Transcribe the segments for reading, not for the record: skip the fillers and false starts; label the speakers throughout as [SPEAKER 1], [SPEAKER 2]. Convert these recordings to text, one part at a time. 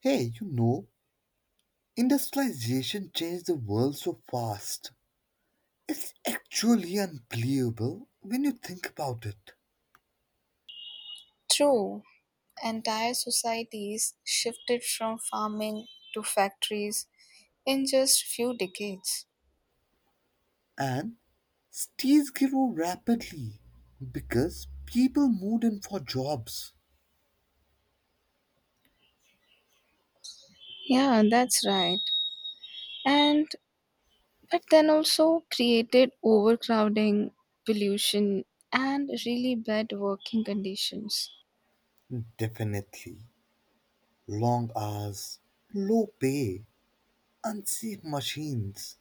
[SPEAKER 1] Hey, industrialization changed the world so fast. It's actually unbelievable when you think about it.
[SPEAKER 2] True, entire societies shifted from farming to factories in just few decades.
[SPEAKER 1] And cities grew rapidly because people moved in for jobs.
[SPEAKER 2] Yeah, that's right. And but then also created overcrowding, pollution, and really bad working conditions.
[SPEAKER 1] Definitely. Long hours, low pay, unsafe machines.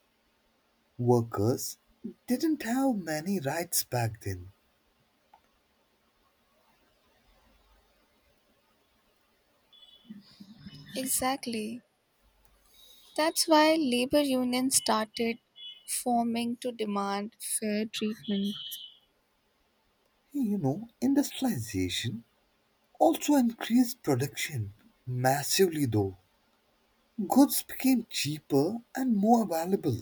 [SPEAKER 1] Workers didn't have many rights back then.
[SPEAKER 2] Exactly. That's why labor unions started forming to demand fair treatment.
[SPEAKER 1] Hey, industrialization also increased production massively, though. Goods became cheaper and more valuable.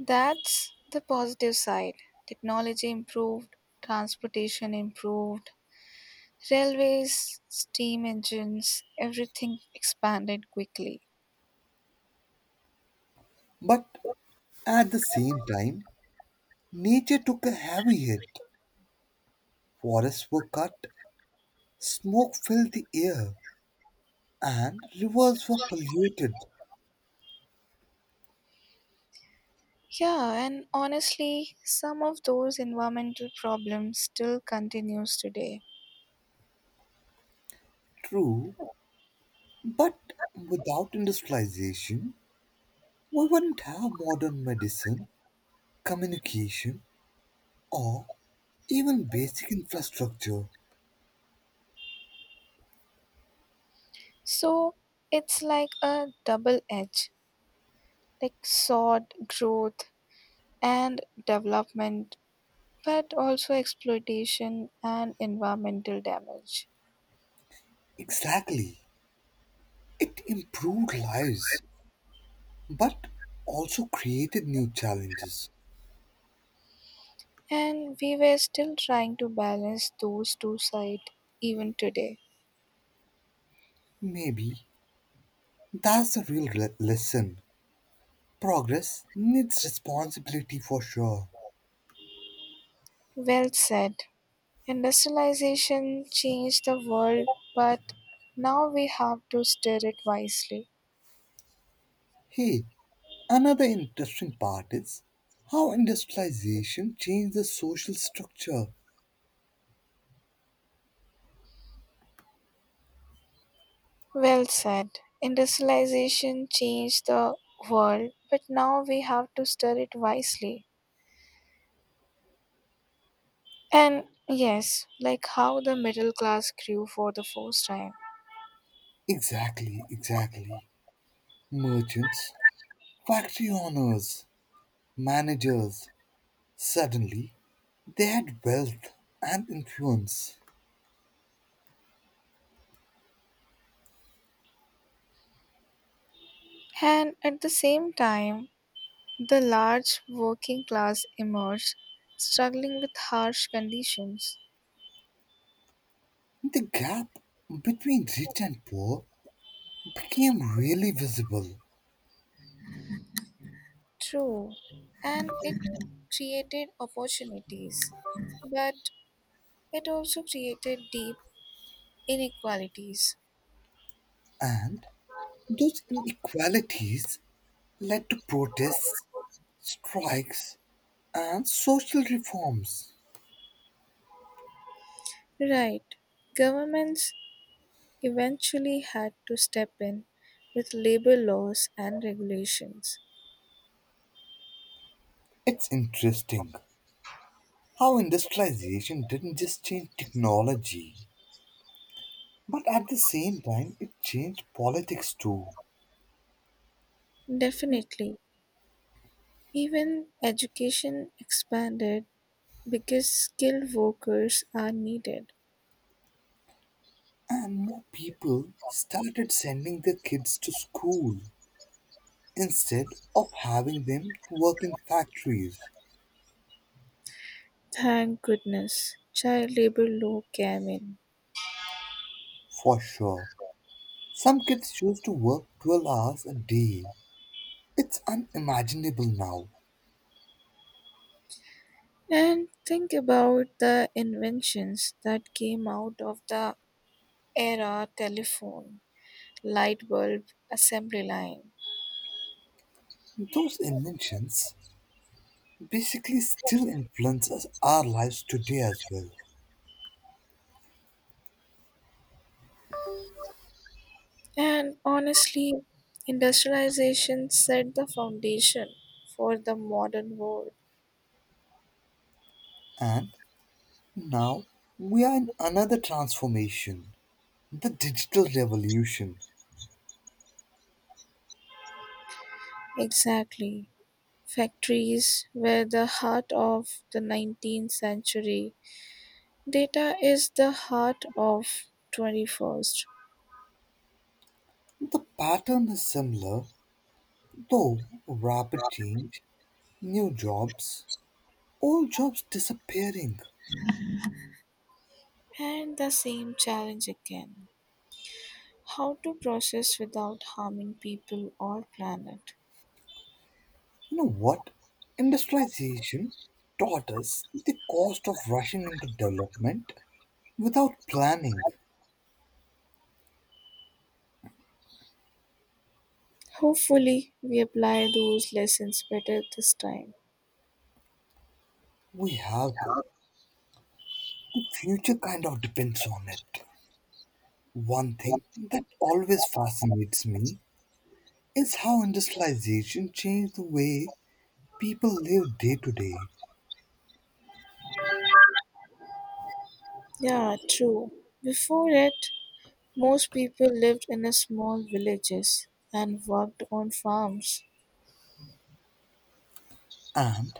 [SPEAKER 2] That's the positive side. Technology improved, transportation improved, railways, steam engines, everything expanded quickly.
[SPEAKER 1] But at the same time, nature took a heavy hit. Forests were cut, smoke filled the air, and rivers were polluted.
[SPEAKER 2] Yeah, and honestly, some of those environmental problems still continues today.
[SPEAKER 1] True, but without industrialization, we wouldn't have modern medicine, communication, or even basic infrastructure.
[SPEAKER 2] So it's like a double edge, like sword, growth and development, but also exploitation and environmental damage.
[SPEAKER 1] Exactly. It improved lives, but also created new challenges.
[SPEAKER 2] And we were still trying to balance those two sides even today.
[SPEAKER 1] Maybe that's a real lesson. Progress needs responsibility for sure.
[SPEAKER 2] Well said. Industrialization changed the world, but now we have to steer it wisely.
[SPEAKER 1] Hey, another interesting part is how industrialization changed the social structure.
[SPEAKER 2] Well said. Industrialization changed the world, but now we have to steer it wisely. And yes, like how the middle class grew for the first time.
[SPEAKER 1] Exactly, exactly. Merchants, factory owners, managers, suddenly they had wealth and influence.
[SPEAKER 2] And at the same time, the large working class emerged, struggling with harsh conditions.
[SPEAKER 1] The gap between rich and poor became really visible,
[SPEAKER 2] True, and it created opportunities, but it also created deep inequalities.
[SPEAKER 1] and those inequalities led to protests, strikes, and social reforms.
[SPEAKER 2] Right, governments eventually had to step in with labor laws and regulations.
[SPEAKER 1] It's interesting how industrialization didn't just change technology, but at the same time, it changed politics too.
[SPEAKER 2] Definitely, even education expanded because skilled workers are needed.
[SPEAKER 1] And more people started sending their kids to school instead of having them work in factories,
[SPEAKER 2] Thank goodness, child labor law came in.
[SPEAKER 1] for sure. Some kids choose to work 12 hours a day. It's unimaginable now.
[SPEAKER 2] And think about the inventions that came out of the era, telephone, light bulb, assembly line.
[SPEAKER 1] Those inventions basically still influences our lives today as well.
[SPEAKER 2] And honestly, industrialization set the foundation for the modern world.
[SPEAKER 1] And now we are in another transformation, the digital revolution.
[SPEAKER 2] Exactly. Factories were the heart of the 19th century. Data is the heart of 21st.
[SPEAKER 1] The pattern is similar, though rapid change, new jobs, old jobs disappearing.
[SPEAKER 2] And the same challenge again, how to process without harming people or planet.
[SPEAKER 1] You know what? Industrialization taught us the cost of rushing into development without planning.
[SPEAKER 2] Hopefully, we apply those lessons better this time.
[SPEAKER 1] We have to. The future kind of depends on it. One thing that always fascinates me is how industrialization changed the way people live day to day.
[SPEAKER 2] Yeah, true. Before it, most people lived in a small villages and worked on farms.
[SPEAKER 1] And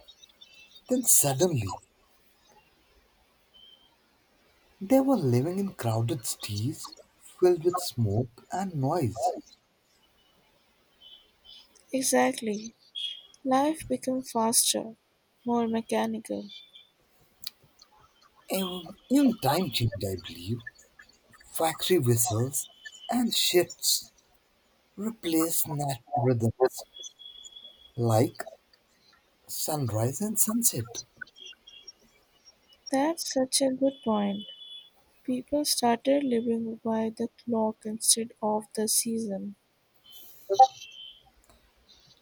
[SPEAKER 1] then suddenly, they were living in crowded cities filled with smoke and noise.
[SPEAKER 2] Exactly. Life became faster, more mechanical.
[SPEAKER 1] Even time changed, I believe. Factory whistles and shifts replaced natural rhythms like sunrise and sunset.
[SPEAKER 2] That's such a good point. People started living by the clock instead of the season.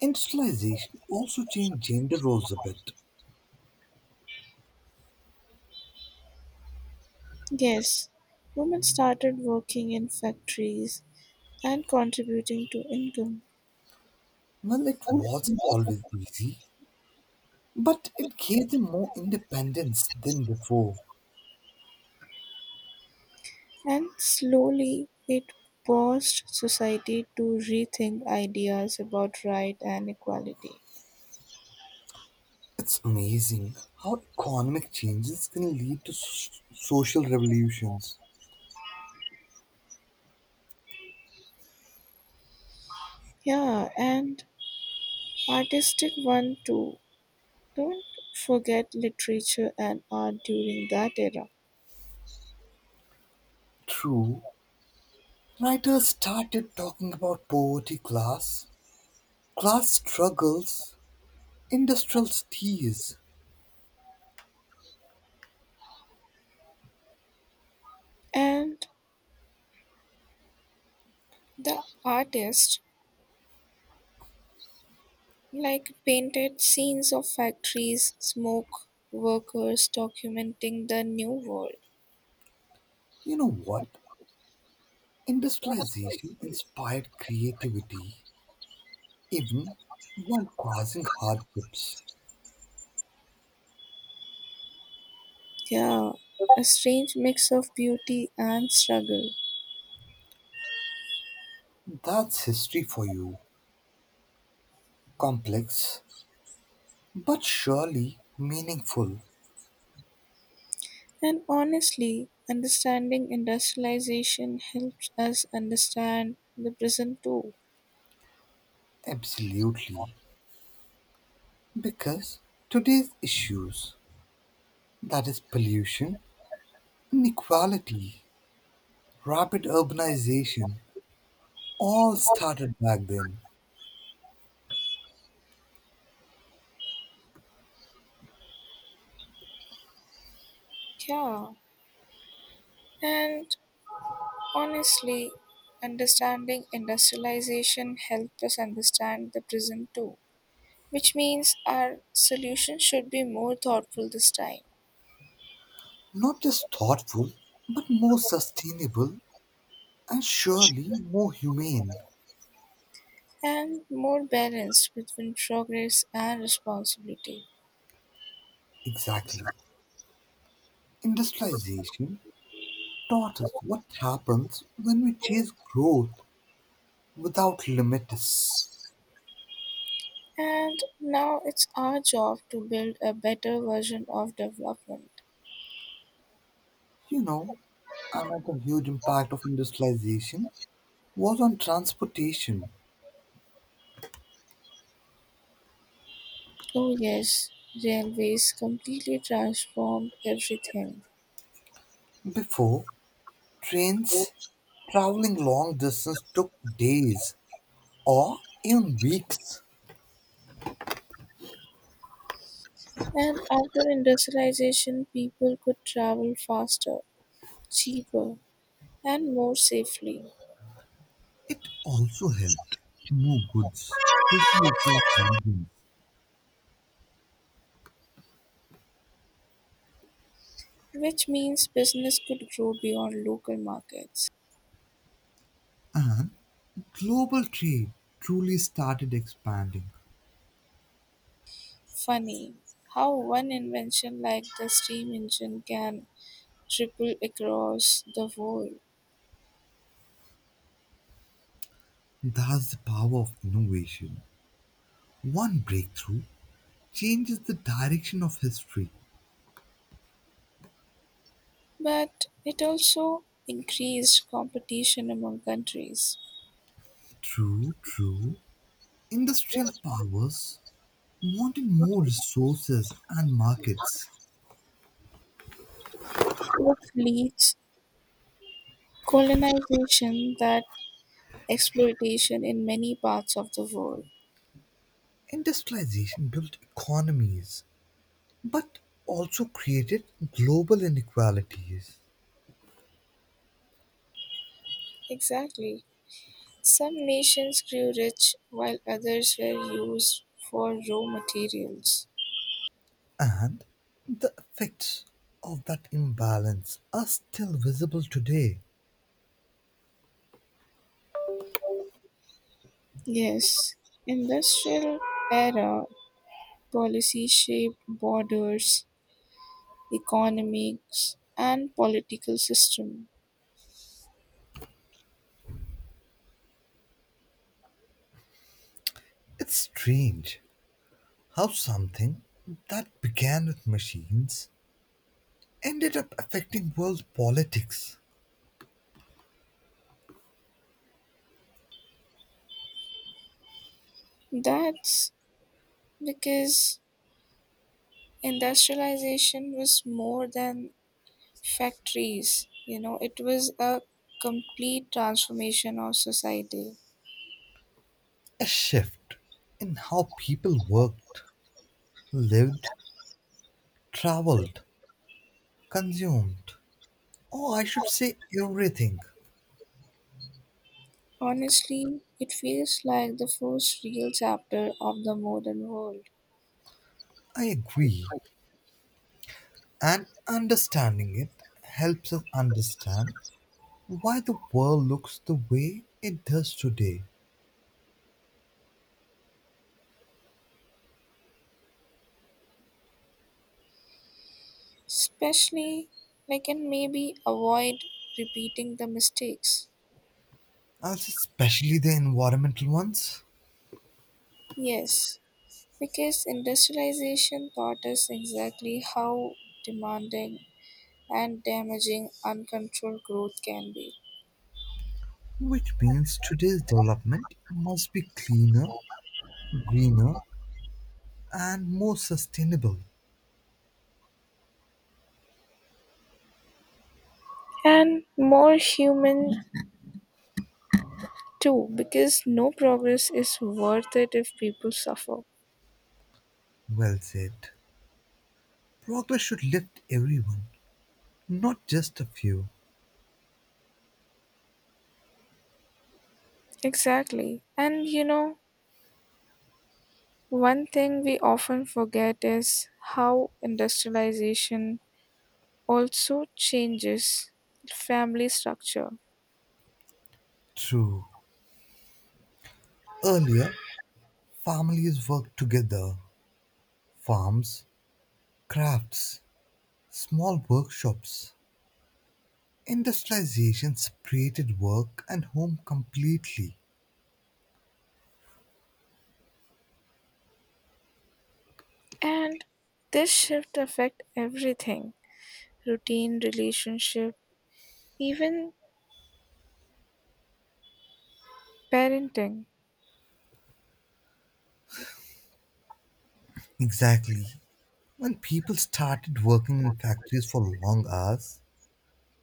[SPEAKER 1] Industrialization also changed gender roles a bit.
[SPEAKER 2] Yes, women started working in factories and contributing to income.
[SPEAKER 1] Well, it wasn't always easy, but it gave them more independence than before.
[SPEAKER 2] And slowly it forced society to rethink ideas about right and equality.
[SPEAKER 1] It's amazing how economic changes can lead to social revolutions.
[SPEAKER 2] Yeah, and artistic one too. Don't forget literature and art during that era.
[SPEAKER 1] True, writers started talking about poverty class, class struggles, industrial tears.
[SPEAKER 2] And the artist like painted scenes of factories, smoke, workers documenting the new world.
[SPEAKER 1] You know what? Industrialization inspired creativity, even while causing hardships.
[SPEAKER 2] Yeah, a strange mix of beauty and struggle.
[SPEAKER 1] That's history for you. Complex but surely meaningful,
[SPEAKER 2] And honestly, understanding industrialization helps us understand the present too.
[SPEAKER 1] absolutely. Because today's issues, that is, pollution, inequality, rapid urbanization all started back then.
[SPEAKER 2] Yeah. And honestly, understanding industrialization helps us understand the present too, which means our solution should be more thoughtful this time
[SPEAKER 1] Not just thoughtful, but more sustainable and surely more humane.
[SPEAKER 2] and more balanced between progress and responsibility.
[SPEAKER 1] Exactly. Industrialization taught us what happens when we chase growth without limits.
[SPEAKER 2] And now it's our job to build a better version of development.
[SPEAKER 1] You know, another huge impact of industrialization was on transportation.
[SPEAKER 2] Oh, yes, railways completely transformed everything.
[SPEAKER 1] Before, trains traveling long distance took days or even weeks.
[SPEAKER 2] And after industrialization, people could travel faster, cheaper, and more safely,
[SPEAKER 1] It also helped move goods quickly across regions.
[SPEAKER 2] which means business could grow beyond local markets.
[SPEAKER 1] Global trade truly started expanding.
[SPEAKER 2] Funny how one invention like the steam engine can ripple across the world,
[SPEAKER 1] That's the power of innovation. One breakthrough changes the direction of history.
[SPEAKER 2] but it also increased competition among countries,
[SPEAKER 1] True, true. Industrial powers wanted more resources and markets.
[SPEAKER 2] which leads colonization that exploitation in many parts of the world.
[SPEAKER 1] Industrialization built economies but also created global inequalities,
[SPEAKER 2] Exactly. Some nations grew rich while others were used for raw materials.
[SPEAKER 1] and the effects of that imbalance are still visible today.
[SPEAKER 2] Yes, industrial era policy shaped borders, economics, and political system.
[SPEAKER 1] It's strange how something that began with machines ended up affecting world politics.
[SPEAKER 2] That's because industrialization was more than factories, you know it was a complete transformation of society.
[SPEAKER 1] A shift in how people worked, lived, traveled, consumed, or I should say, everything.
[SPEAKER 2] Honestly, it feels like the first real chapter of the modern world.
[SPEAKER 1] I agree. And understanding it helps us understand why the world looks the way it does today,
[SPEAKER 2] Especially, we can maybe avoid repeating the mistakes.
[SPEAKER 1] as especially the environmental ones.
[SPEAKER 2] Yes, because industrialization taught us exactly how demanding and damaging uncontrolled growth can be.
[SPEAKER 1] Which means today's development must be cleaner, greener, and more sustainable.
[SPEAKER 2] And more human too, because no progress is worth it if people suffer.
[SPEAKER 1] Well said. Progress should lift everyone, not just a few.
[SPEAKER 2] Exactly. And you know, one thing we often forget is how industrialization also changes family structure.
[SPEAKER 1] True. Earlier, families worked together, farms, crafts, small workshops. Industrialization separated work and home completely.
[SPEAKER 2] And this shift affect everything, routine, relationship, even parenting,
[SPEAKER 1] Exactly. When people started working in factories for long hours,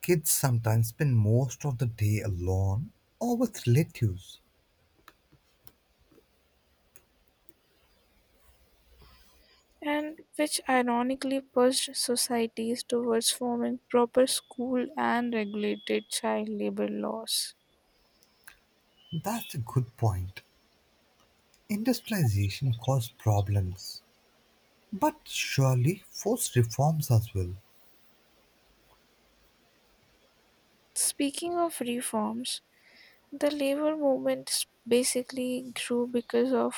[SPEAKER 1] kids sometimes spend most of the day alone or with relatives.
[SPEAKER 2] and which ironically pushed societies towards forming proper school and regulated child labor laws.
[SPEAKER 1] That's a good point. Industrialization caused problems, but surely forced reforms as well.
[SPEAKER 2] Speaking of reforms, the labor movement basically grew because of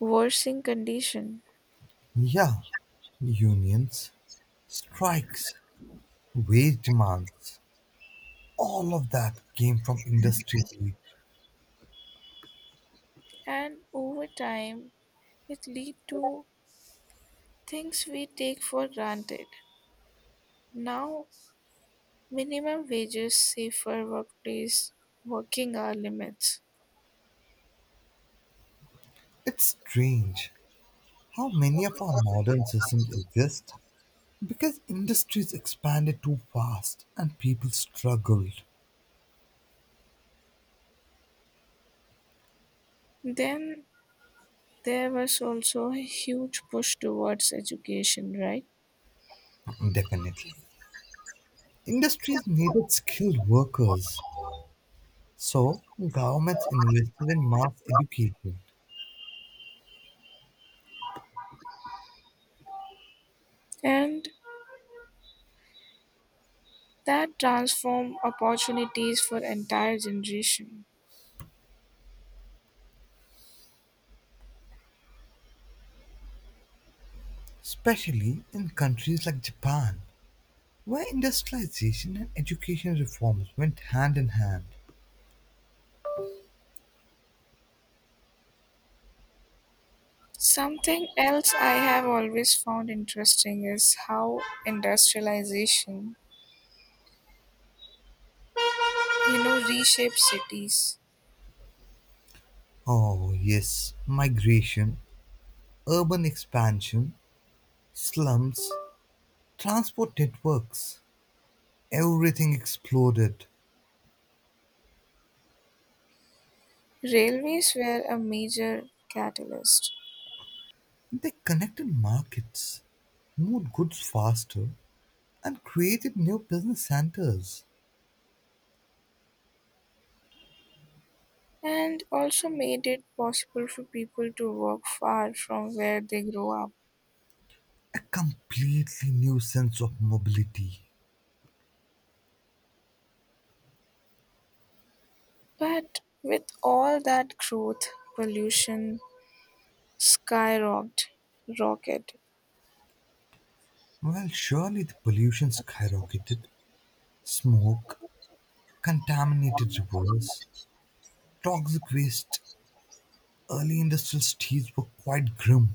[SPEAKER 2] worsening condition.
[SPEAKER 1] Yeah, unions, strikes, wage demands, all of that came from industry.
[SPEAKER 2] And over time it lead to things we take for granted now, minimum wages, safer workplace, working hour limits.
[SPEAKER 1] It's strange how many of our modern systems exist because industries expanded too fast and people struggled.
[SPEAKER 2] Then there was also a huge push towards education, right?
[SPEAKER 1] Definitely. Industries needed skilled workers, so governments invested in mass education,
[SPEAKER 2] And that transform opportunities for entire generation.
[SPEAKER 1] especially in countries like Japan, where industrialization and education reforms went hand in hand.
[SPEAKER 2] Something else I have always found interesting is how industrialization, you know, reshapes cities.
[SPEAKER 1] Oh, yes, migration, urban expansion, slums, transport networks, everything exploded.
[SPEAKER 2] Railways were a major catalyst
[SPEAKER 1] They connected markets, moved goods faster, and created new business centers.
[SPEAKER 2] and also made it possible for people to work far from where they grow up.
[SPEAKER 1] A completely new sense of mobility.
[SPEAKER 2] But with all that growth, pollution skyrocketed, rocketed,
[SPEAKER 1] Well, surely the pollution skyrocketed. Smoke, contaminated rivers, toxic waste. Early industrial cities were quite grim.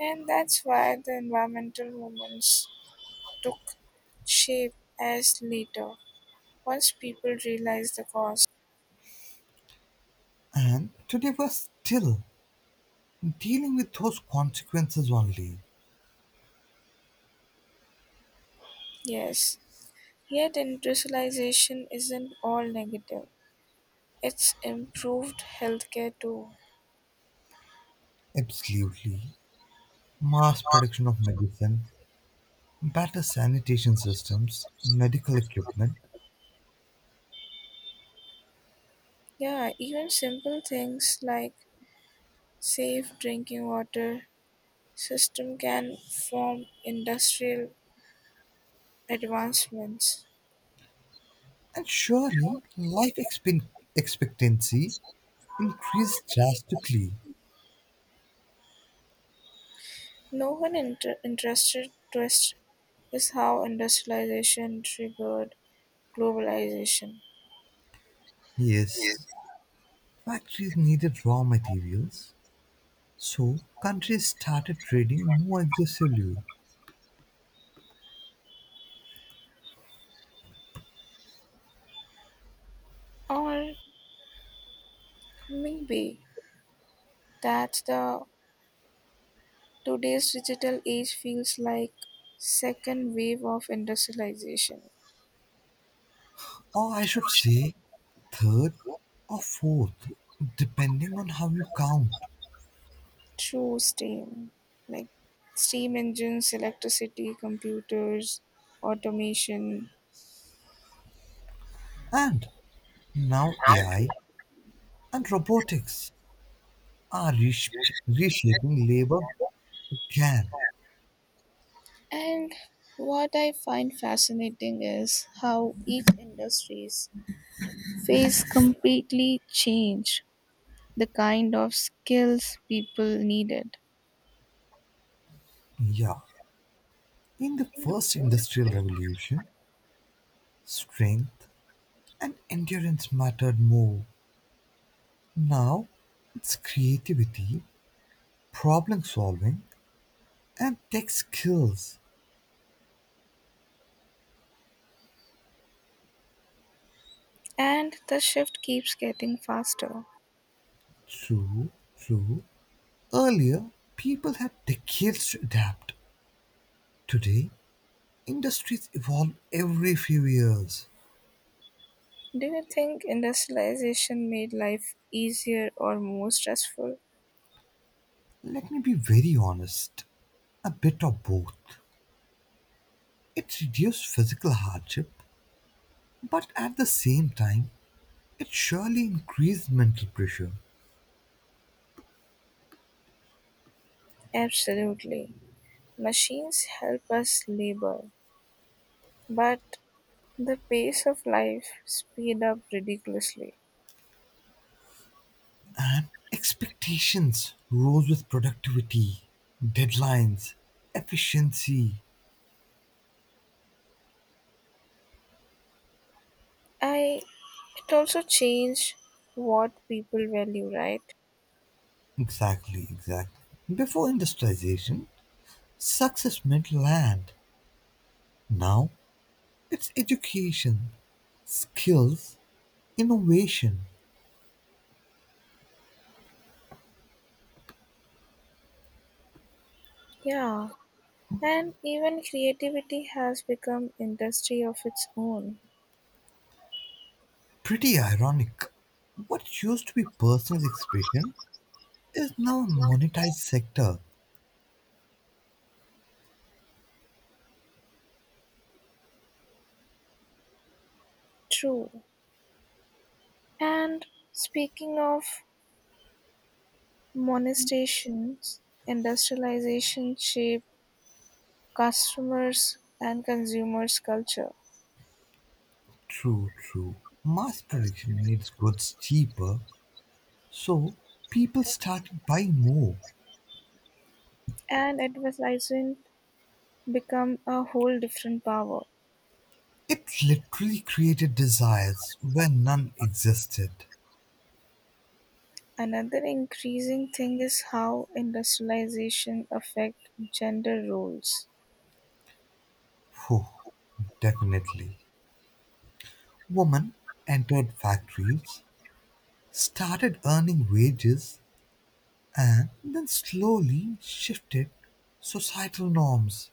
[SPEAKER 2] and that's why the environmental movements took shape as later once people realized the cost.
[SPEAKER 1] And today we're still dealing with those consequences only.
[SPEAKER 2] Yes, yet industrialization isn't all negative. It's improved healthcare too.
[SPEAKER 1] Absolutely. Mass production of medicine, better sanitation systems, medical equipment,
[SPEAKER 2] Yeah, even simple things like safe drinking water system can form industrial advancements.
[SPEAKER 1] and surely life expectancy increased drastically.
[SPEAKER 2] No interested twist is how industrialization triggered globalization.
[SPEAKER 1] Yes, factories needed raw materials, so countries started trading more aggressively,
[SPEAKER 2] Or maybe that's the today's digital age feels like second wave of industrialization.
[SPEAKER 1] or I should say, third or fourth, depending on how you count.
[SPEAKER 2] True steam, like steam engines, electricity, computers, automation.
[SPEAKER 1] And now AI and robotics are reshaping labor again.
[SPEAKER 2] And what I find fascinating is how each industries face completely change the kind of skills people needed.
[SPEAKER 1] Yeah, in the first industrial revolution, strength and endurance mattered more. Now, it's creativity, problem solving, and tech skills.
[SPEAKER 2] And the shift keeps getting faster.
[SPEAKER 1] True, true. Earlier, people had decades to adapt. Today, industries evolve every few years.
[SPEAKER 2] Do you think industrialization made life easier or more stressful?
[SPEAKER 1] Let me be very honest, a bit of both. It reduced physical hardship, but at the same time, it surely increased mental pressure.
[SPEAKER 2] Absolutely. Machines help us labor, but the pace of life speed up ridiculously.
[SPEAKER 1] And expectations rose with productivity, deadlines, efficiency.
[SPEAKER 2] I it also changed what people value, right?
[SPEAKER 1] Exactly, exactly. Before industrialization, success meant land. Now it's education, skills, innovation.
[SPEAKER 2] Yeah, and even creativity has become industry of its own.
[SPEAKER 1] Pretty ironic. What used to be personal expression is now a monetized sector.
[SPEAKER 2] True. And speaking of monetizations, industrialization shaped customers and consumers culture,
[SPEAKER 1] True, true. Mass production made goods cheaper, so people started buying more.
[SPEAKER 2] and advertising become a whole different power.
[SPEAKER 1] It literally created desires where none existed.
[SPEAKER 2] Another increasing thing is how industrialization affect gender roles.
[SPEAKER 1] Phew, definitely. Women entered factories, started earning wages, and then slowly shifted societal norms.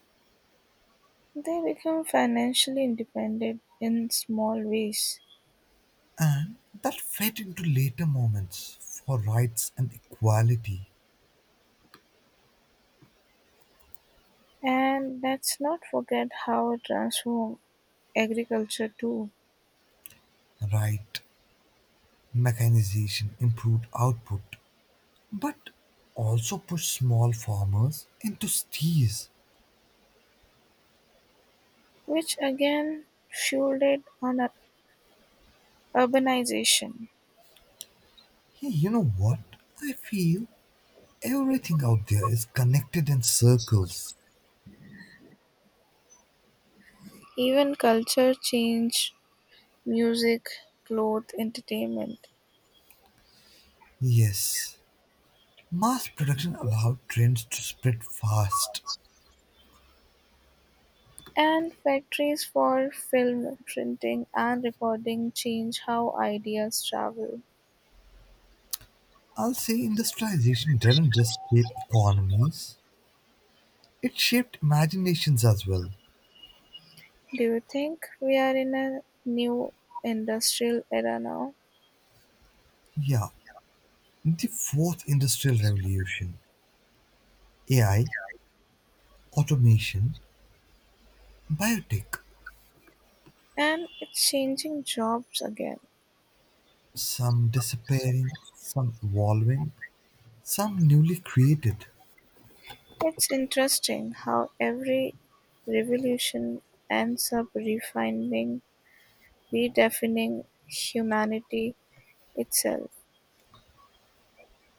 [SPEAKER 2] They become financially independent in small ways.
[SPEAKER 1] And that fed into later moments for rights and equality.
[SPEAKER 2] And let's not forget how it transformed agriculture too,
[SPEAKER 1] Right, mechanization improved output, but also pushed small farmers into steers.
[SPEAKER 2] which again fueled it on urbanization.
[SPEAKER 1] Hey, you know what? I feel everything out there is connected in circles.
[SPEAKER 2] Even culture changed, music, clothes, entertainment.
[SPEAKER 1] Yes, mass production allowed trends to spread fast.
[SPEAKER 2] And factories for film, printing, and recording change how ideas travel.
[SPEAKER 1] I'll say industrialization didn't just shape economies, it shaped imaginations as well.
[SPEAKER 2] Do you think we are in a new industrial era now?
[SPEAKER 1] Yeah, the fourth industrial revolution, AI, automation, biotech,
[SPEAKER 2] And it's changing jobs again.
[SPEAKER 1] some disappearing, some evolving, some newly created.
[SPEAKER 2] It's interesting how every revolution ends up refining, redefining humanity itself.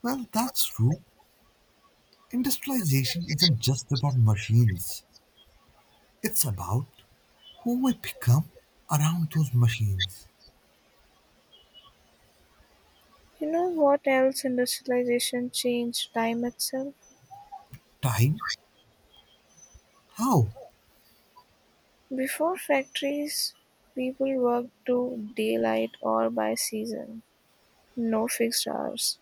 [SPEAKER 1] Well, that's true. Industrialization isn't just about machines, it's about who we become around those machines.
[SPEAKER 2] You know what else industrialization changed? Time itself?
[SPEAKER 1] Time? How?
[SPEAKER 2] Before factories, people worked to daylight or by season, no fixed hours.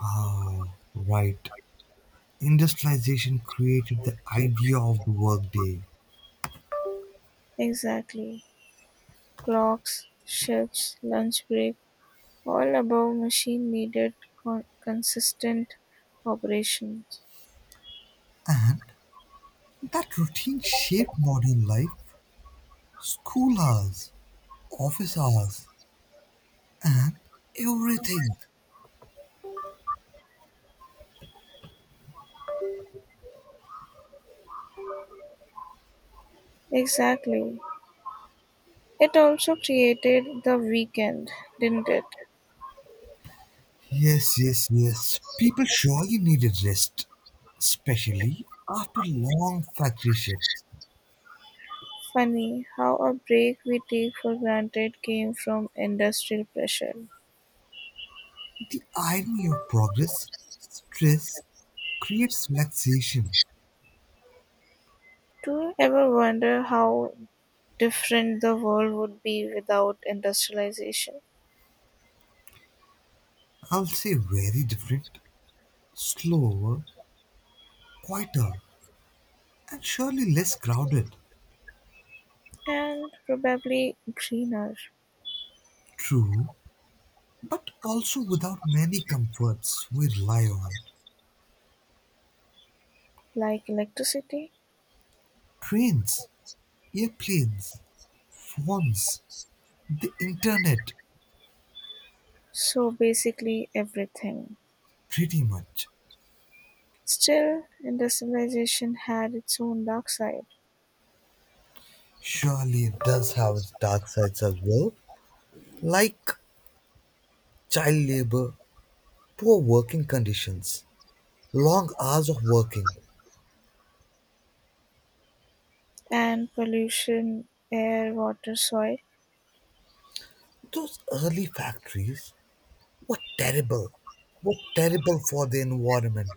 [SPEAKER 1] Ah, right. Industrialization created the idea of the workday.
[SPEAKER 2] Exactly. Clocks, shifts, lunch break, all above machine needed consistent operations.
[SPEAKER 1] That routine shaped modern life, school hours, office hours, everything.
[SPEAKER 2] Exactly. It also created the weekend, didn't it?
[SPEAKER 1] Yes, yes, yes. People surely needed rest, especially after long factory shifts.
[SPEAKER 2] Funny how a break we take for granted came from industrial pressure.
[SPEAKER 1] The irony of progress, stress creates relaxation.
[SPEAKER 2] Do you ever wonder how different the world would be without industrialization?
[SPEAKER 1] I'll say very different, slower, quieter, and surely less crowded.
[SPEAKER 2] And probably greener,
[SPEAKER 1] True, but also without many comforts we rely on.
[SPEAKER 2] like electricity.
[SPEAKER 1] Trains, airplanes, phones, the internet,
[SPEAKER 2] So basically, everything.
[SPEAKER 1] pretty much.
[SPEAKER 2] Still, industrialization had its own dark side,
[SPEAKER 1] Surely it does have its dark sides as well, like child labor, poor working conditions, long hours of working.
[SPEAKER 2] and pollution, air, water, soil
[SPEAKER 1] Those early factories were terrible, were terrible for the environment.